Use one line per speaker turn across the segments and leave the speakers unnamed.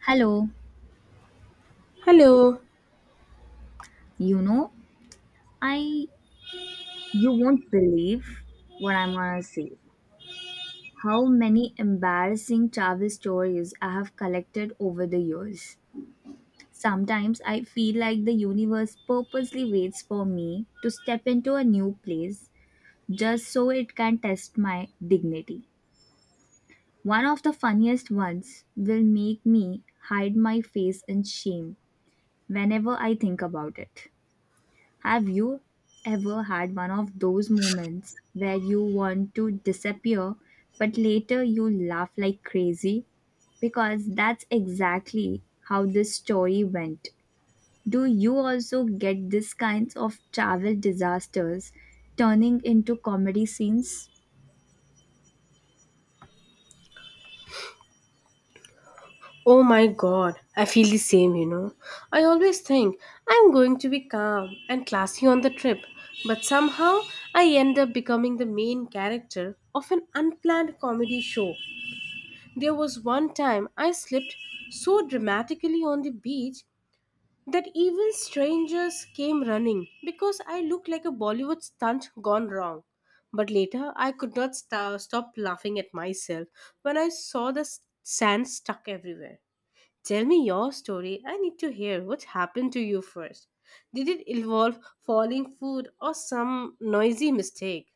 Hello,
Hello.
you know, I you won't believe what I'm gonna say. How many embarrassing travel stories I have collected over the years. Sometimes I feel like the universe purposely waits for me to step into a new place just so it can test my dignity. One of the funniest ones will make me hide my face in shame whenever I think about it. Have you ever had one of those moments where you want to disappear, but later you laugh like crazy? Because that's exactly how this story went. Do you also get these kinds of travel disasters turning into comedy scenes?
Oh my god, I feel the same, you know. I always think I'm going to be calm and classy on the trip, but somehow I end up becoming the main character of an unplanned comedy show. There was one time I slipped so dramatically on the beach that even strangers came running because I looked like a Bollywood stunt gone wrong. But later, I could not sta stop laughing at myself when I saw the sand stuck everywhere. Tell me your story. I need to hear what happened to you first. Did it involve falling food or some noisy mistake?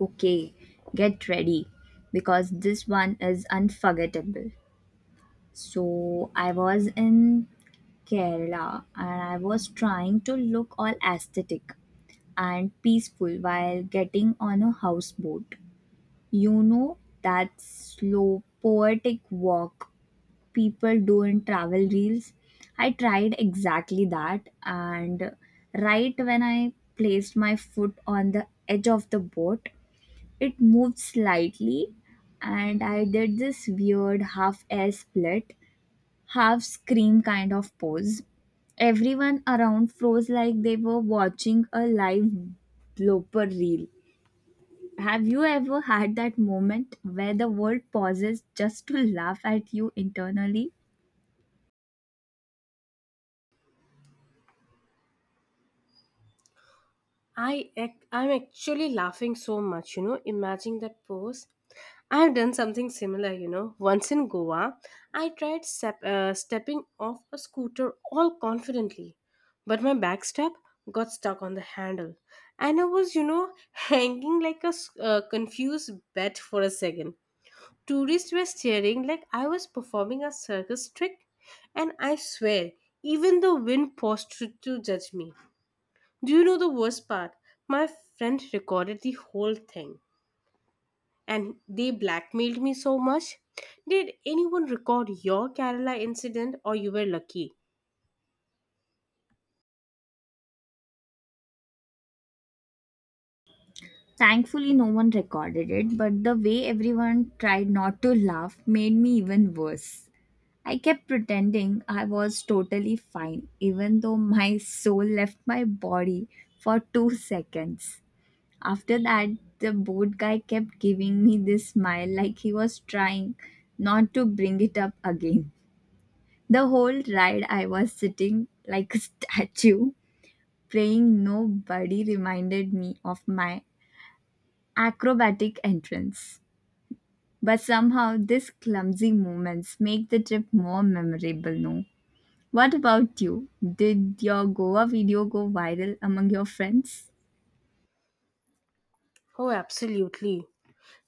Okay, get ready because this one is unforgettable. So, I was in Kerala and I was trying to look all aesthetic and peaceful while getting on a houseboat. You know that slow, poetic walk people do in travel reels? I tried exactly that, and right when I placed my foot on the edge of the boat, it moved slightly, and I did this weird half air split half scream kind of pose. Everyone around froze like they were watching a live blooper reel. Have you ever had that moment where the world pauses just to laugh at you internally?
I'm actually laughing so much, you know, imagining that pose. I've done something similar, you know. Once in Goa, I tried stepping off a scooter all confidently, but my back step got stuck on the handle, and I was, you know, hanging like a confused bat for a second. Tourists were staring like I was performing a circus trick, and I swear, even the wind paused to judge me. Do you know the worst part? My friend recorded the whole thing, and they blackmailed me so much. Did anyone record your Kerala incident, or you were lucky?
Thankfully, no one recorded it, but the way everyone tried not to laugh made me even worse. I kept pretending I was totally fine, even though my soul left my body for 2 seconds. After that, the boat guy kept giving me this smile like he was trying not to bring it up again. The whole ride, I was sitting like a statue, praying nobody reminded me of my acrobatic entrance. But somehow, these clumsy moments make the trip more memorable, no? What about you? Did your Goa video go viral among your friends?
Oh, absolutely.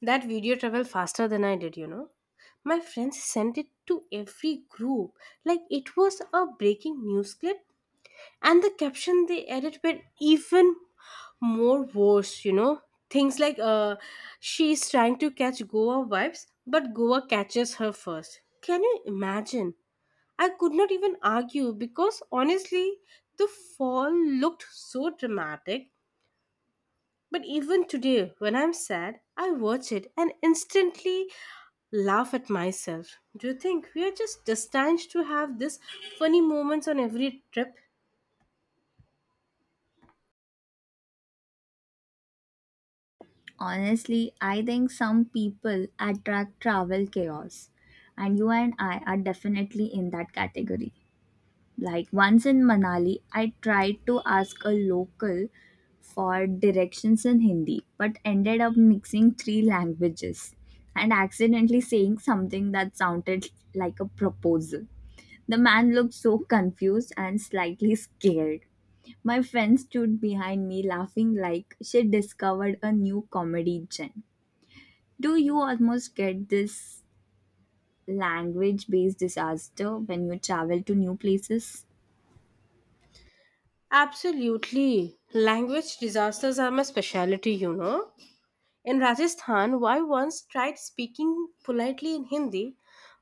That video traveled faster than I did, you know. My friends sent it to every group like it was a breaking news clip, and the caption they added were even more worse, you know, things like she's trying to catch Goa vibes but Goa catches her first. Can you imagine? I could not even argue because honestly the fall looked so dramatic, but even today when I'm sad I watch it and instantly laugh at myself. Do you think we are just destined to have this funny moments on every trip?
Honestly, I think some people attract travel chaos, and you and I are definitely in that category. Like once in Manali, I tried to ask a local for directions in Hindi, but ended up mixing three languages and accidentally saying something that sounded like a proposal. The man looked so confused and slightly scared. My friend stood behind me laughing like she discovered a new comedy gem. Do you almost get this language based disaster when you travel to new places?
Absolutely. Language disasters are my specialty, you know. In Rajasthan, I once tried speaking politely in Hindi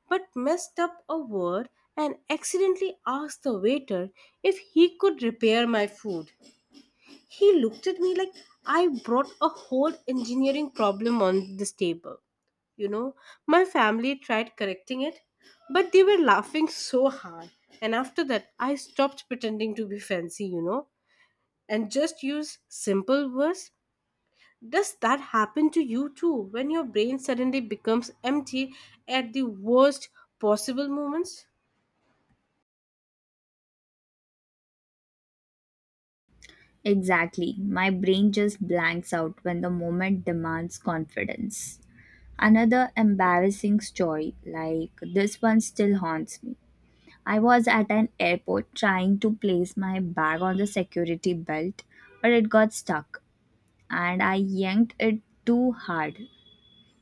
but messed up a word and accidentally asked the waiter if he could repair my food. He looked at me like I brought a whole engineering problem on this table. You know, my family tried correcting it, but they were laughing so hard. And after that, I stopped pretending to be fancy, you know, and just use simple words? Does that happen to you too when your brain suddenly becomes empty at the worst possible moments?
Exactly. My brain just blanks out when the moment demands confidence. Another embarrassing story, like this one, still haunts me. I was at an airport trying to place my bag on the security belt, but it got stuck and I yanked it too hard.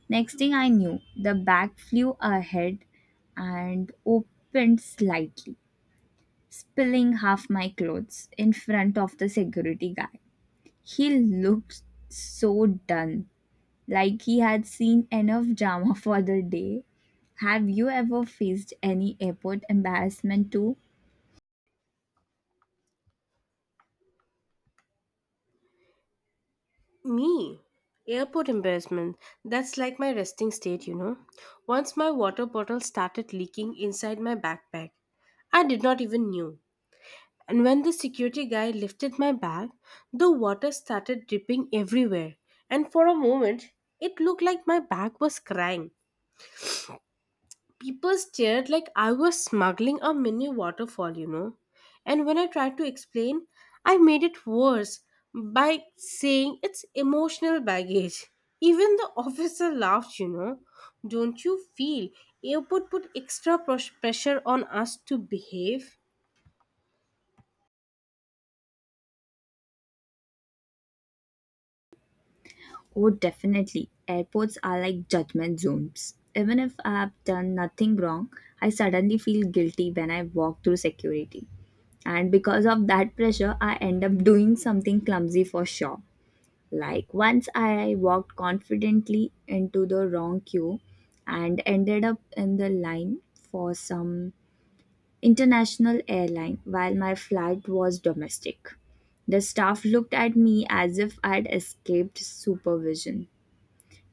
Next thing I knew, the bag flew ahead and opened slightly, spilling half my clothes in front of the security guy. He looked so done, like he had seen enough drama for the day. Have you ever faced any airport embarrassment too?
Me. Airport embarrassment. That's like my resting state, you know. Once my water bottle started leaking inside my backpack. I did not even knew. And when the security guy lifted my bag, the water started dripping everywhere. And for a moment, it looked like my bag was crying. People stared like I was smuggling a mini waterfall, you know. And when I tried to explain, I made it worse by saying it's emotional baggage. Even the officer laughed, you know. Don't you feel airport put extra pressure on us to behave?
Oh, definitely. Airports are like judgment zones. Even if I have done nothing wrong, I suddenly feel guilty when I walk through security. And because of that pressure, I end up doing something clumsy for sure. Like once I walked confidently into the wrong queue and ended up in the line for some international airline while my flight was domestic. The staff looked at me as if I'd escaped supervision.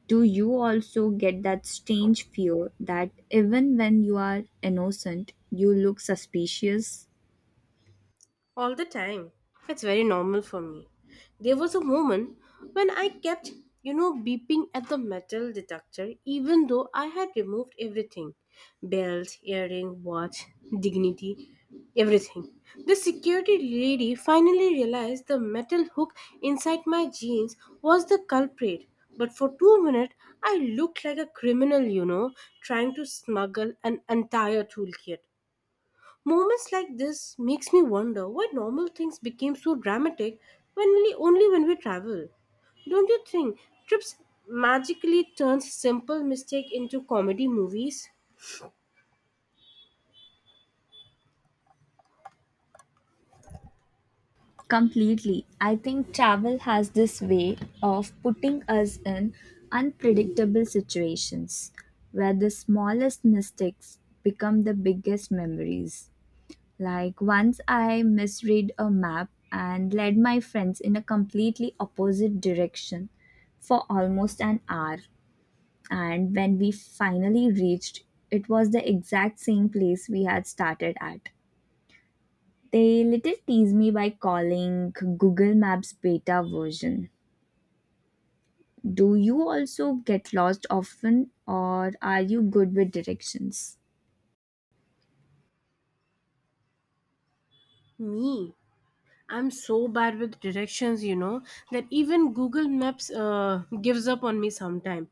Do you also get that strange fear that even when you are innocent you look suspicious?
All the time. It's very normal for me. There was a moment when I kept, you know, beeping at the metal detector even though I had removed everything: belt, earring, watch, dignity, everything. The security lady finally realized the metal hook inside my jeans was the culprit. But for 2 minutes, I looked like a criminal, you know, trying to smuggle an entire toolkit. Moments like this makes me wonder why normal things became so dramatic when we travel. Don't you think trips magically turns simple mistake into comedy movies?
Completely. I think travel has this way of putting us in unpredictable situations where the smallest mistakes become the biggest memories. Like once I misread a map and led my friends in a completely opposite direction for almost an hour. And when we finally reached, it was the exact same place we had started at. They little tease me by calling Google Maps beta version. Do you also get lost often, or are you good with directions?
Me, I'm so bad with directions, you know, that even Google Maps gives up on me sometimes.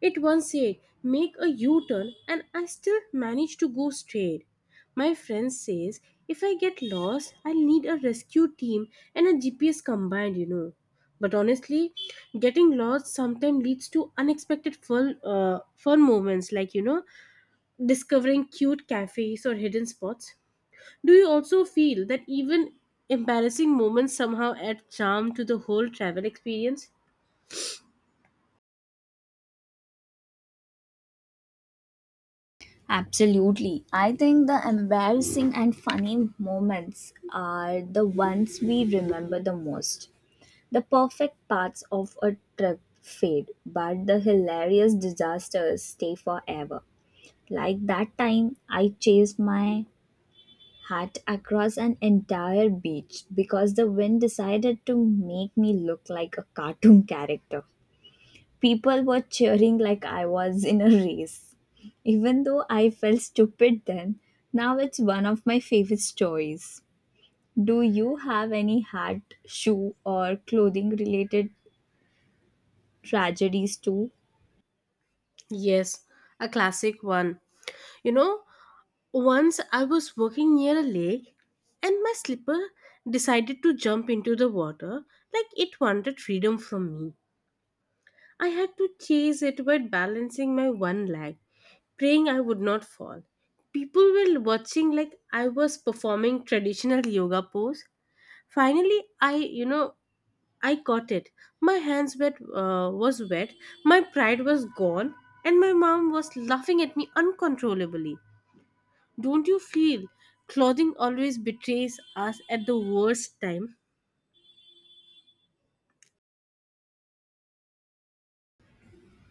It once said, make a U turn, and I still manage to go straight. My friend says, if I get lost, I'll need a rescue team and a GPS combined, you know. But honestly, getting lost sometimes leads to fun moments like, you know, discovering cute cafes or hidden spots. Do you also feel that even embarrassing moments somehow add charm to the whole travel experience?
Absolutely. I think the embarrassing and funny moments are the ones we remember the most. The perfect parts of a trip fade, but the hilarious disasters stay forever. Like that time I chased my hat across an entire beach because the wind decided to make me look like a cartoon character. People were cheering like I was in a race. Even though I felt stupid then, now it's one of my favorite stories. Do you have any hat, shoe, or clothing related tragedies too?
Yes, a classic one. You know, once I was walking near a lake and my slipper decided to jump into the water like it wanted freedom from me. I had to chase it by balancing my one leg, praying I would not fall. People were watching like I was performing traditional yoga pose. Finally, I, you know, I caught it. My hands wet was wet, my pride was gone, and my mom was laughing at me uncontrollably. Don't you feel clothing always betrays us at the worst time?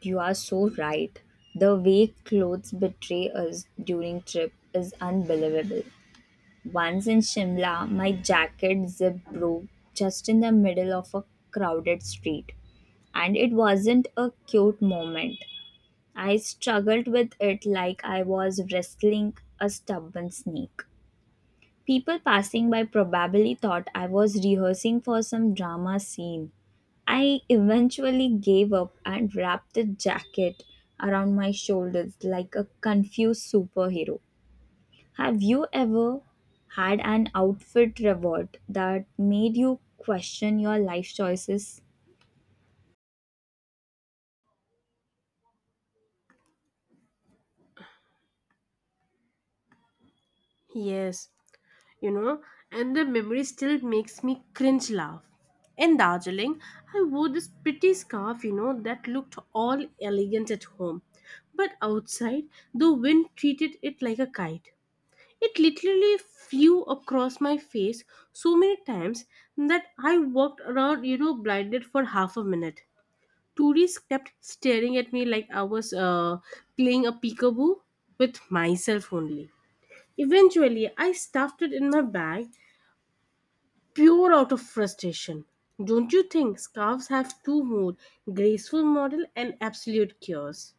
You are so right. The way clothes betray us during trip is unbelievable. Once in Shimla, my jacket zip broke just in the middle of a crowded street, and it wasn't a cute moment. I struggled with it like I was wrestling a stubborn snake. People passing by probably thought I was rehearsing for some drama scene. I eventually gave up and wrapped the jacket around my shoulders like a confused superhero. Have you ever had an outfit reward that made you question your life choices?
Yes, you know, and the memory still makes me cringe laugh. In Darjeeling, I wore this pretty scarf, you know, that looked all elegant at home. But outside, the wind treated it like a kite. It literally flew across my face so many times that I walked around, you know, blinded for half a minute. Tourists kept staring at me like I was playing a peekaboo with myself only. Eventually, I stuffed it in my bag, pure out of frustration. Don't you think scarves have two modes: graceful model and absolute chaos?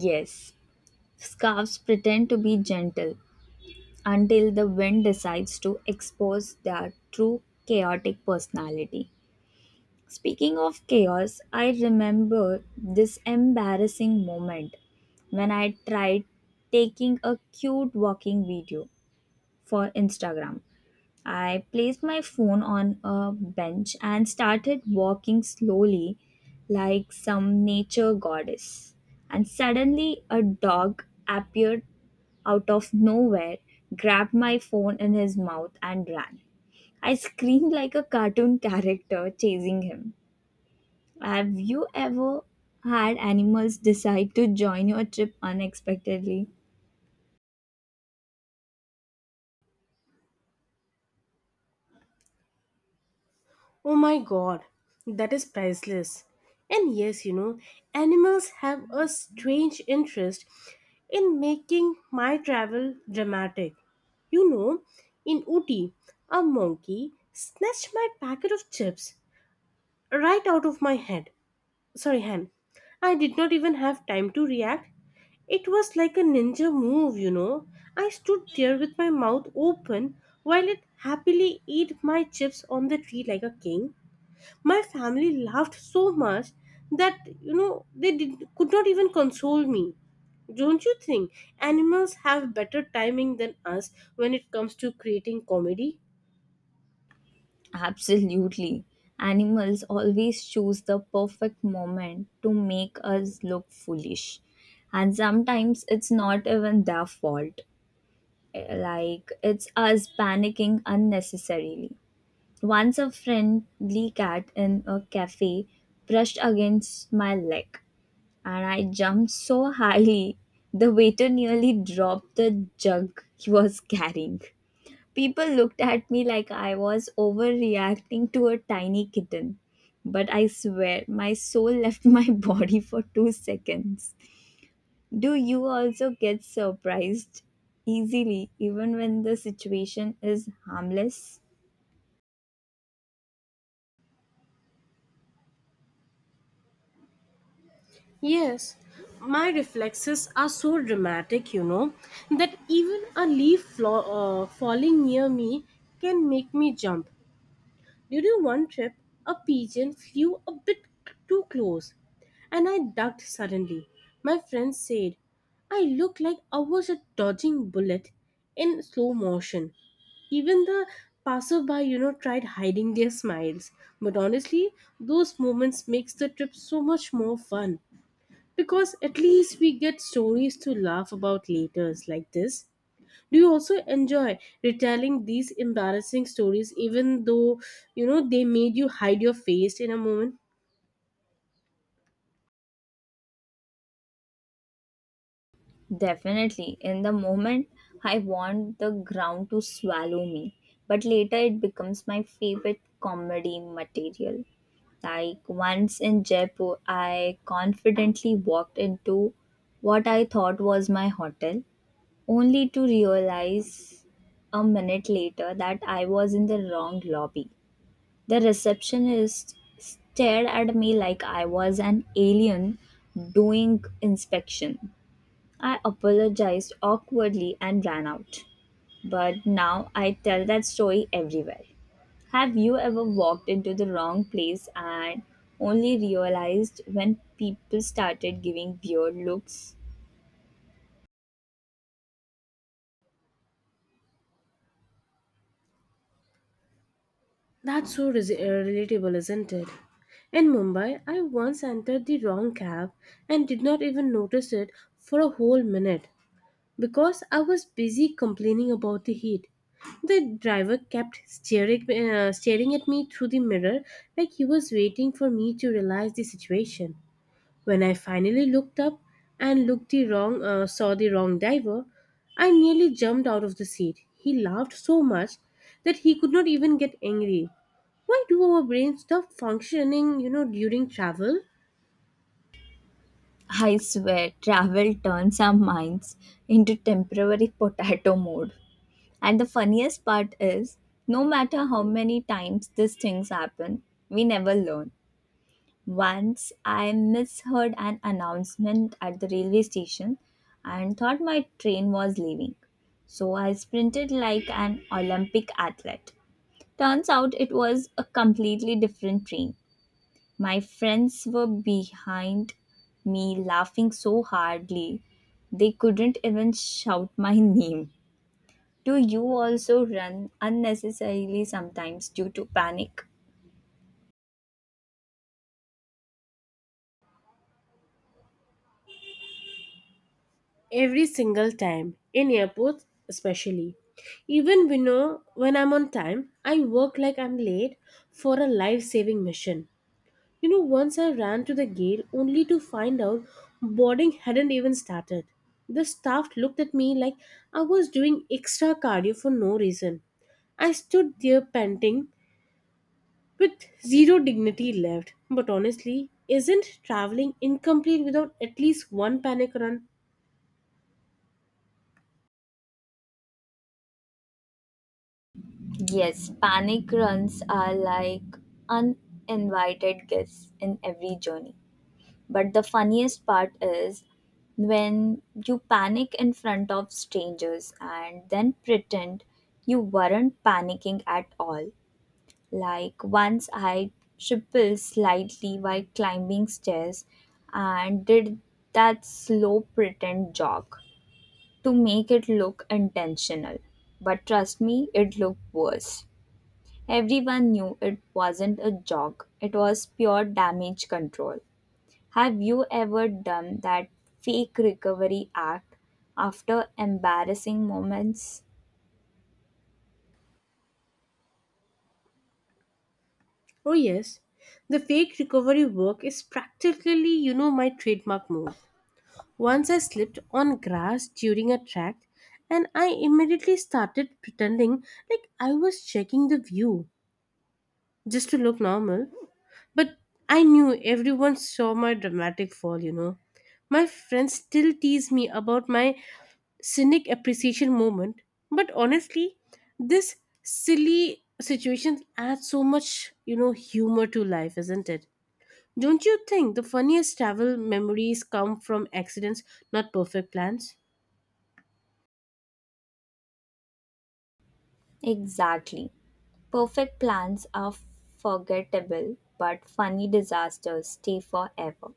Yes, scarves pretend to be gentle until the wind decides to expose their true chaotic personality. Speaking of chaos, I remember this embarrassing moment when I tried taking a cute walking video for Instagram. I placed my phone on a bench and started walking slowly like some nature goddess. And suddenly, a dog appeared out of nowhere, grabbed my phone in his mouth, and ran. I screamed like a cartoon character chasing him. Have you ever had animals decide to join your trip unexpectedly?
Oh my god, that is priceless. And yes, you know, animals have a strange interest in making my travel dramatic. You know, in Ooty, a monkey snatched my packet of chips right out of my head. Sorry, hand. I did not even have time to react. It was like a ninja move, you know. I stood there with my mouth open while it happily ate my chips on the tree like a king. My family laughed so much that could not even console me. Don't you think animals have better timing than us when it comes to creating comedy?
Absolutely. Animals always choose the perfect moment to make us look foolish. And sometimes it's not even their fault. Like, it's us panicking unnecessarily. Once a friendly cat in a cafe brushed against my leg, and I jumped so highly, the waiter nearly dropped the jug he was carrying. People looked at me like I was overreacting to a tiny kitten. But I swear, my soul left my body for 2 seconds. Do you also get surprised easily, even when the situation is harmless?
Yes, my reflexes are so dramatic, you know, that even a falling near me can make me jump. During one trip, a pigeon flew a bit too close and I ducked suddenly. My friend said, I looked like I was a dodging bullet in slow motion. Even the passerby, you know, tried hiding their smiles. But honestly, those moments makes the trip so much more fun because at least we get stories to laugh about later like this. Do you also enjoy retelling these embarrassing stories, even though you know they made you hide your face in a moment?
Definitely. In the moment, I want the ground to swallow me. But later, it becomes my favorite comedy material. Like once in Jaipur, I confidently walked into what I thought was my hotel, only to realize a minute later that I was in the wrong lobby. The receptionist stared at me like I was an alien doing inspection. I apologized awkwardly and ran out. But now I tell that story everywhere. Have you ever walked into the wrong place and only realized when people started giving weird looks?
That's so relatable, isn't it? In Mumbai, I once entered the wrong cab and did not even notice it for a whole minute because I was busy complaining about the heat. The driver kept staring at me through the mirror like he was waiting for me to realize the situation. When I finally looked up and saw the wrong diver, I nearly jumped out of the seat. He laughed so much that he could not even get angry. Why do our brains stop functioning, you know, during travel?
I swear, travel turns our minds into temporary potato mode. And the funniest part is, no matter how many times these things happen, we never learn. Once I misheard an announcement at the railway station and thought my train was leaving, so I sprinted like an Olympic athlete. Turns out it was a completely different train. My friends were behind me laughing so hardly they couldn't even shout my name. Do you also run unnecessarily sometimes due to panic?
Every single time, in airports especially. Even we know when I'm on time, I work like I'm late for a life saving mission. You know, once I ran to the gate only to find out boarding hadn't even started. The staff looked at me like I was doing extra cardio for no reason. I stood there panting with zero dignity left. But honestly, isn't traveling incomplete without at least one panic run?
Yes, panic runs are like uninvited guests in every journey. But the funniest part is when you panic in front of strangers and then pretend you weren't panicking at all. Like once I tripped slightly while climbing stairs and did that slow pretend jog to make it look intentional. But trust me, it looked worse. Everyone knew it wasn't a jog, it was pure damage control. Have you ever done that fake recovery act after embarrassing moments?
Oh, yes. The fake recovery work is practically, you know, my trademark move. Once I slipped on grass during a track and I immediately started pretending like I was checking the view just to look normal. But I knew everyone saw my dramatic fall, you know. My friends still tease me about my scenic appreciation moment, but honestly, this silly situation adds so much, you know, humor to life, isn't it? Don't you think the funniest travel memories come from accidents, not perfect plans?
Exactly. Perfect plans are forgettable, but funny disasters stay forever.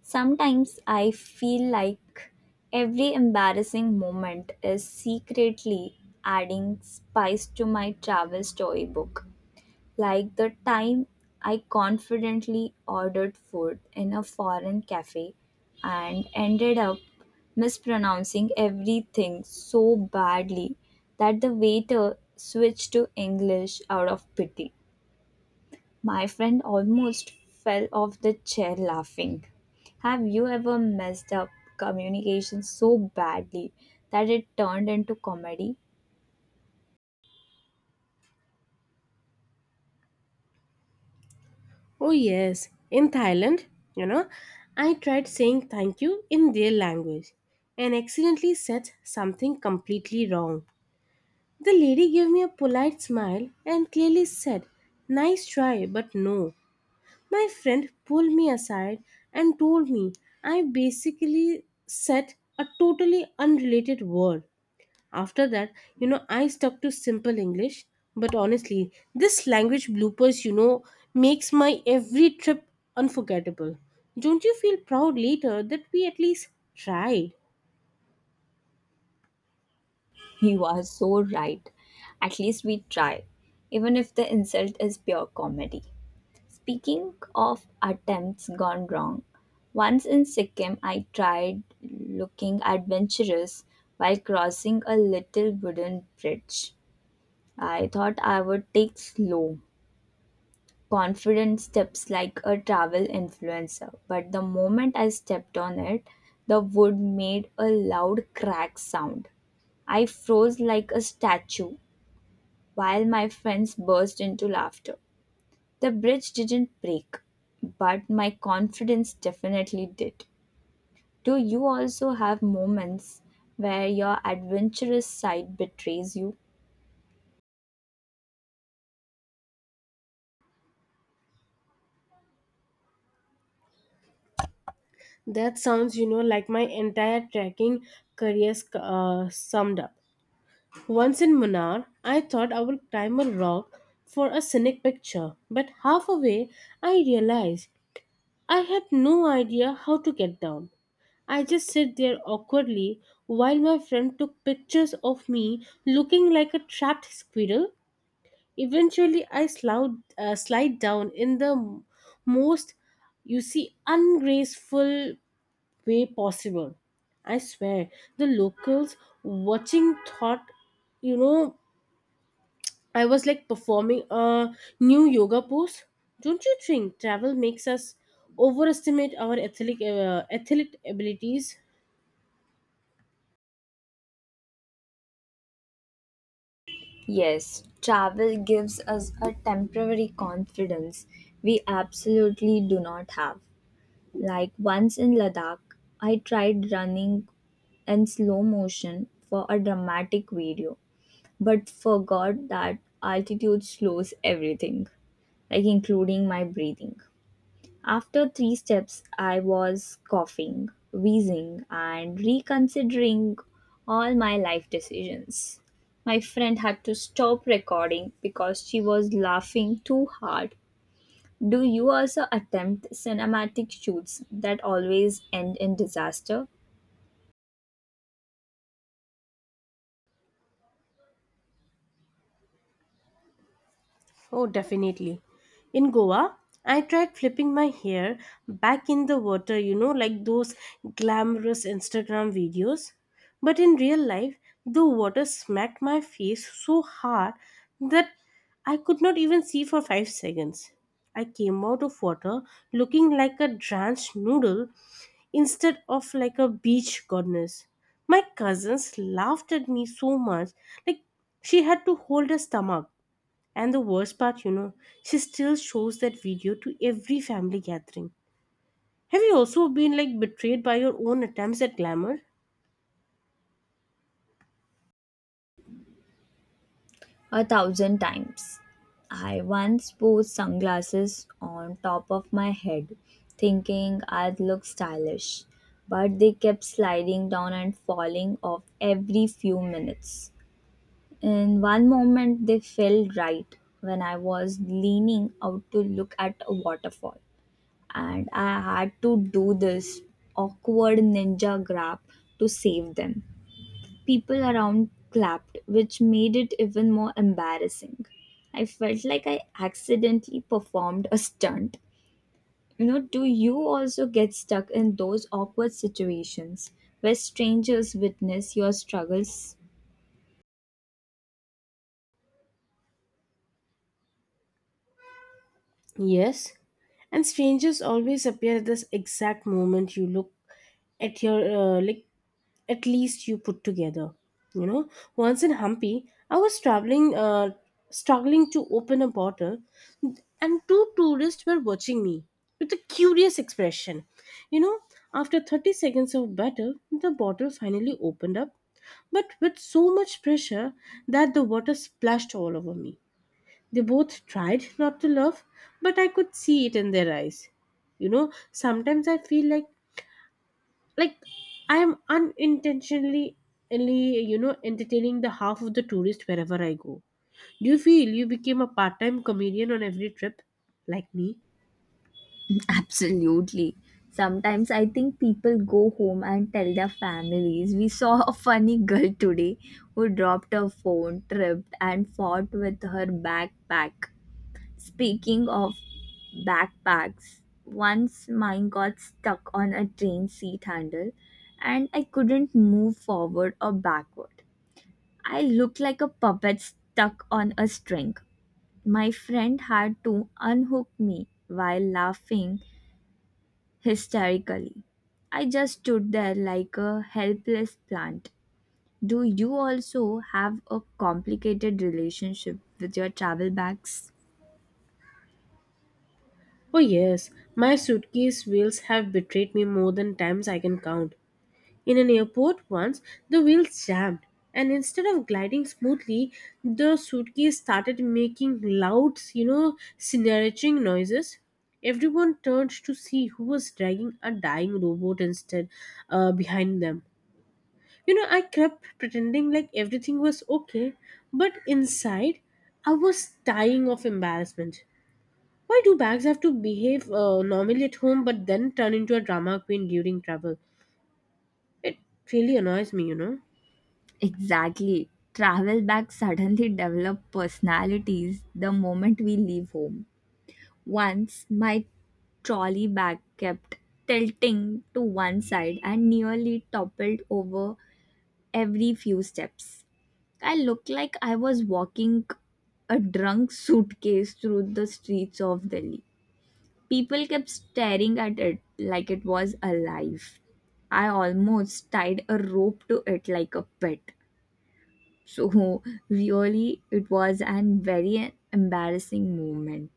Sometimes I feel like every embarrassing moment is secretly adding spice to my travel storybook. Like the time I confidently ordered food in a foreign cafe and ended up mispronouncing everything so badly that the waiter switched to English out of pity. My friend almost fell off the chair laughing. Have you ever messed up communication so badly that it turned into comedy?
Oh, yes, in Thailand, you know, I tried saying thank you in their language and accidentally said something completely wrong. The lady gave me a polite smile and clearly said, nice try, but no. My friend pulled me aside and told me I basically said a totally unrelated word. After that, you know, I stuck to simple English. But honestly, this language bloopers, you know, makes my every trip unforgettable. Don't you feel proud later that we at least tried?
You are so right. At least we try, even if the insult is pure comedy. Speaking of attempts gone wrong, once in Sikkim I tried looking adventurous while crossing a little wooden bridge. I thought I would take slow, confident steps like a travel influencer, but the moment I stepped on it, the wood made a loud crack sound. I froze like a statue while my friends burst into laughter. The bridge didn't break, but my confidence definitely did. Do you also have moments where your adventurous side betrays you?
That sounds, you know, like my entire trekking career summed up. Once in Munnar, I thought I would climb a rock for a scenic picture, but halfway I realized I had no idea how to get down. I just sat there awkwardly while my friend took pictures of me looking like a trapped squirrel. Eventually, I slide down in the most, you see, ungraceful way possible. I swear, the locals watching thought, you know, I was like performing a new yoga pose. Don't you think travel makes us overestimate our athletic athlete abilities?
Yes, travel gives us a temporary confidence we absolutely do not have. Like once in Ladakh, I tried running in slow motion for a dramatic video, but forgot that altitude slows everything, like including my breathing. After three steps, I was coughing, wheezing, and reconsidering all my life decisions. My friend had to stop recording because she was laughing too hard. Do you also attempt cinematic shoots that always end in disaster?
Oh, definitely. In Goa, I tried flipping my hair back in the water, you know, like those glamorous Instagram videos. But in real life, the water smacked my face so hard that I could not even see for 5 seconds. I came out of water looking like a drenched noodle instead of like a beach goddess. My cousins laughed at me so much, like she had to hold her stomach. And the worst part, you know, she still shows that video to every family gathering. Have you also been like betrayed by your own attempts at glamour?
A thousand times. I once posed sunglasses on top of my head, thinking I'd look stylish, but they kept sliding down and falling off every few minutes. In one moment, they fell right when I was leaning out to look at a waterfall, and I had to do this awkward ninja grab to save them. People around clapped, which made it even more embarrassing. I felt like I accidentally performed a stunt. You know, do you also get stuck in those awkward situations where strangers witness your struggles?
Yes. And strangers always appear at this exact moment you look at your like at least you put together, you know. Once in Hampi, I was traveling struggling to open a bottle, and two tourists were watching me with a curious expression, you know. After 30 seconds of battle, the bottle finally opened up, but with so much pressure that the water splashed all over me. They both tried not to laugh, but I could see it in their eyes, you know. Sometimes I feel like like I'm unintentionally, you know, entertaining the half of the tourists wherever I go. Do you feel you became a part-time comedian on every trip like me?
Absolutely. Sometimes I think people go home and tell their families, "We saw a funny girl today who dropped her phone, tripped, and fought with her backpack." Speaking of backpacks, once mine got stuck on a train seat handle and I couldn't move forward or backward. I looked like a puppet stuck on a string. My friend had to unhook me while laughing hysterically. I just stood there like a helpless plant. Do you also have a complicated relationship with your travel bags?
Oh yes, my suitcase wheels have betrayed me more than times I can count. In an airport once, the wheels jammed, and instead of gliding smoothly, the suitcase started making loud, you know, snarching noises. Everyone turned to see who was dragging a dying robot instead behind them. You know, I kept pretending like everything was okay, but inside, I was dying of embarrassment. Why do bags have to behave normally at home but then turn into a drama queen during travel? It really annoys me, you know.
Exactly. Travel bags suddenly develop personalities the moment we leave home. Once my trolley bag kept tilting to one side and nearly toppled over every few steps. I looked like I was walking a drunk suitcase through the streets of Delhi. People kept staring at it like it was alive. I almost tied a rope to it like a pet. So really, it was an very embarrassing moment,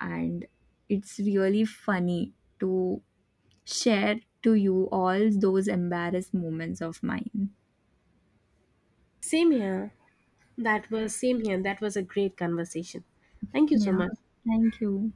and it's really funny to share to you all those embarrassed moments of mine.
Same here. That was a great conversation. Thank you so
Yeah,
much.
thank you.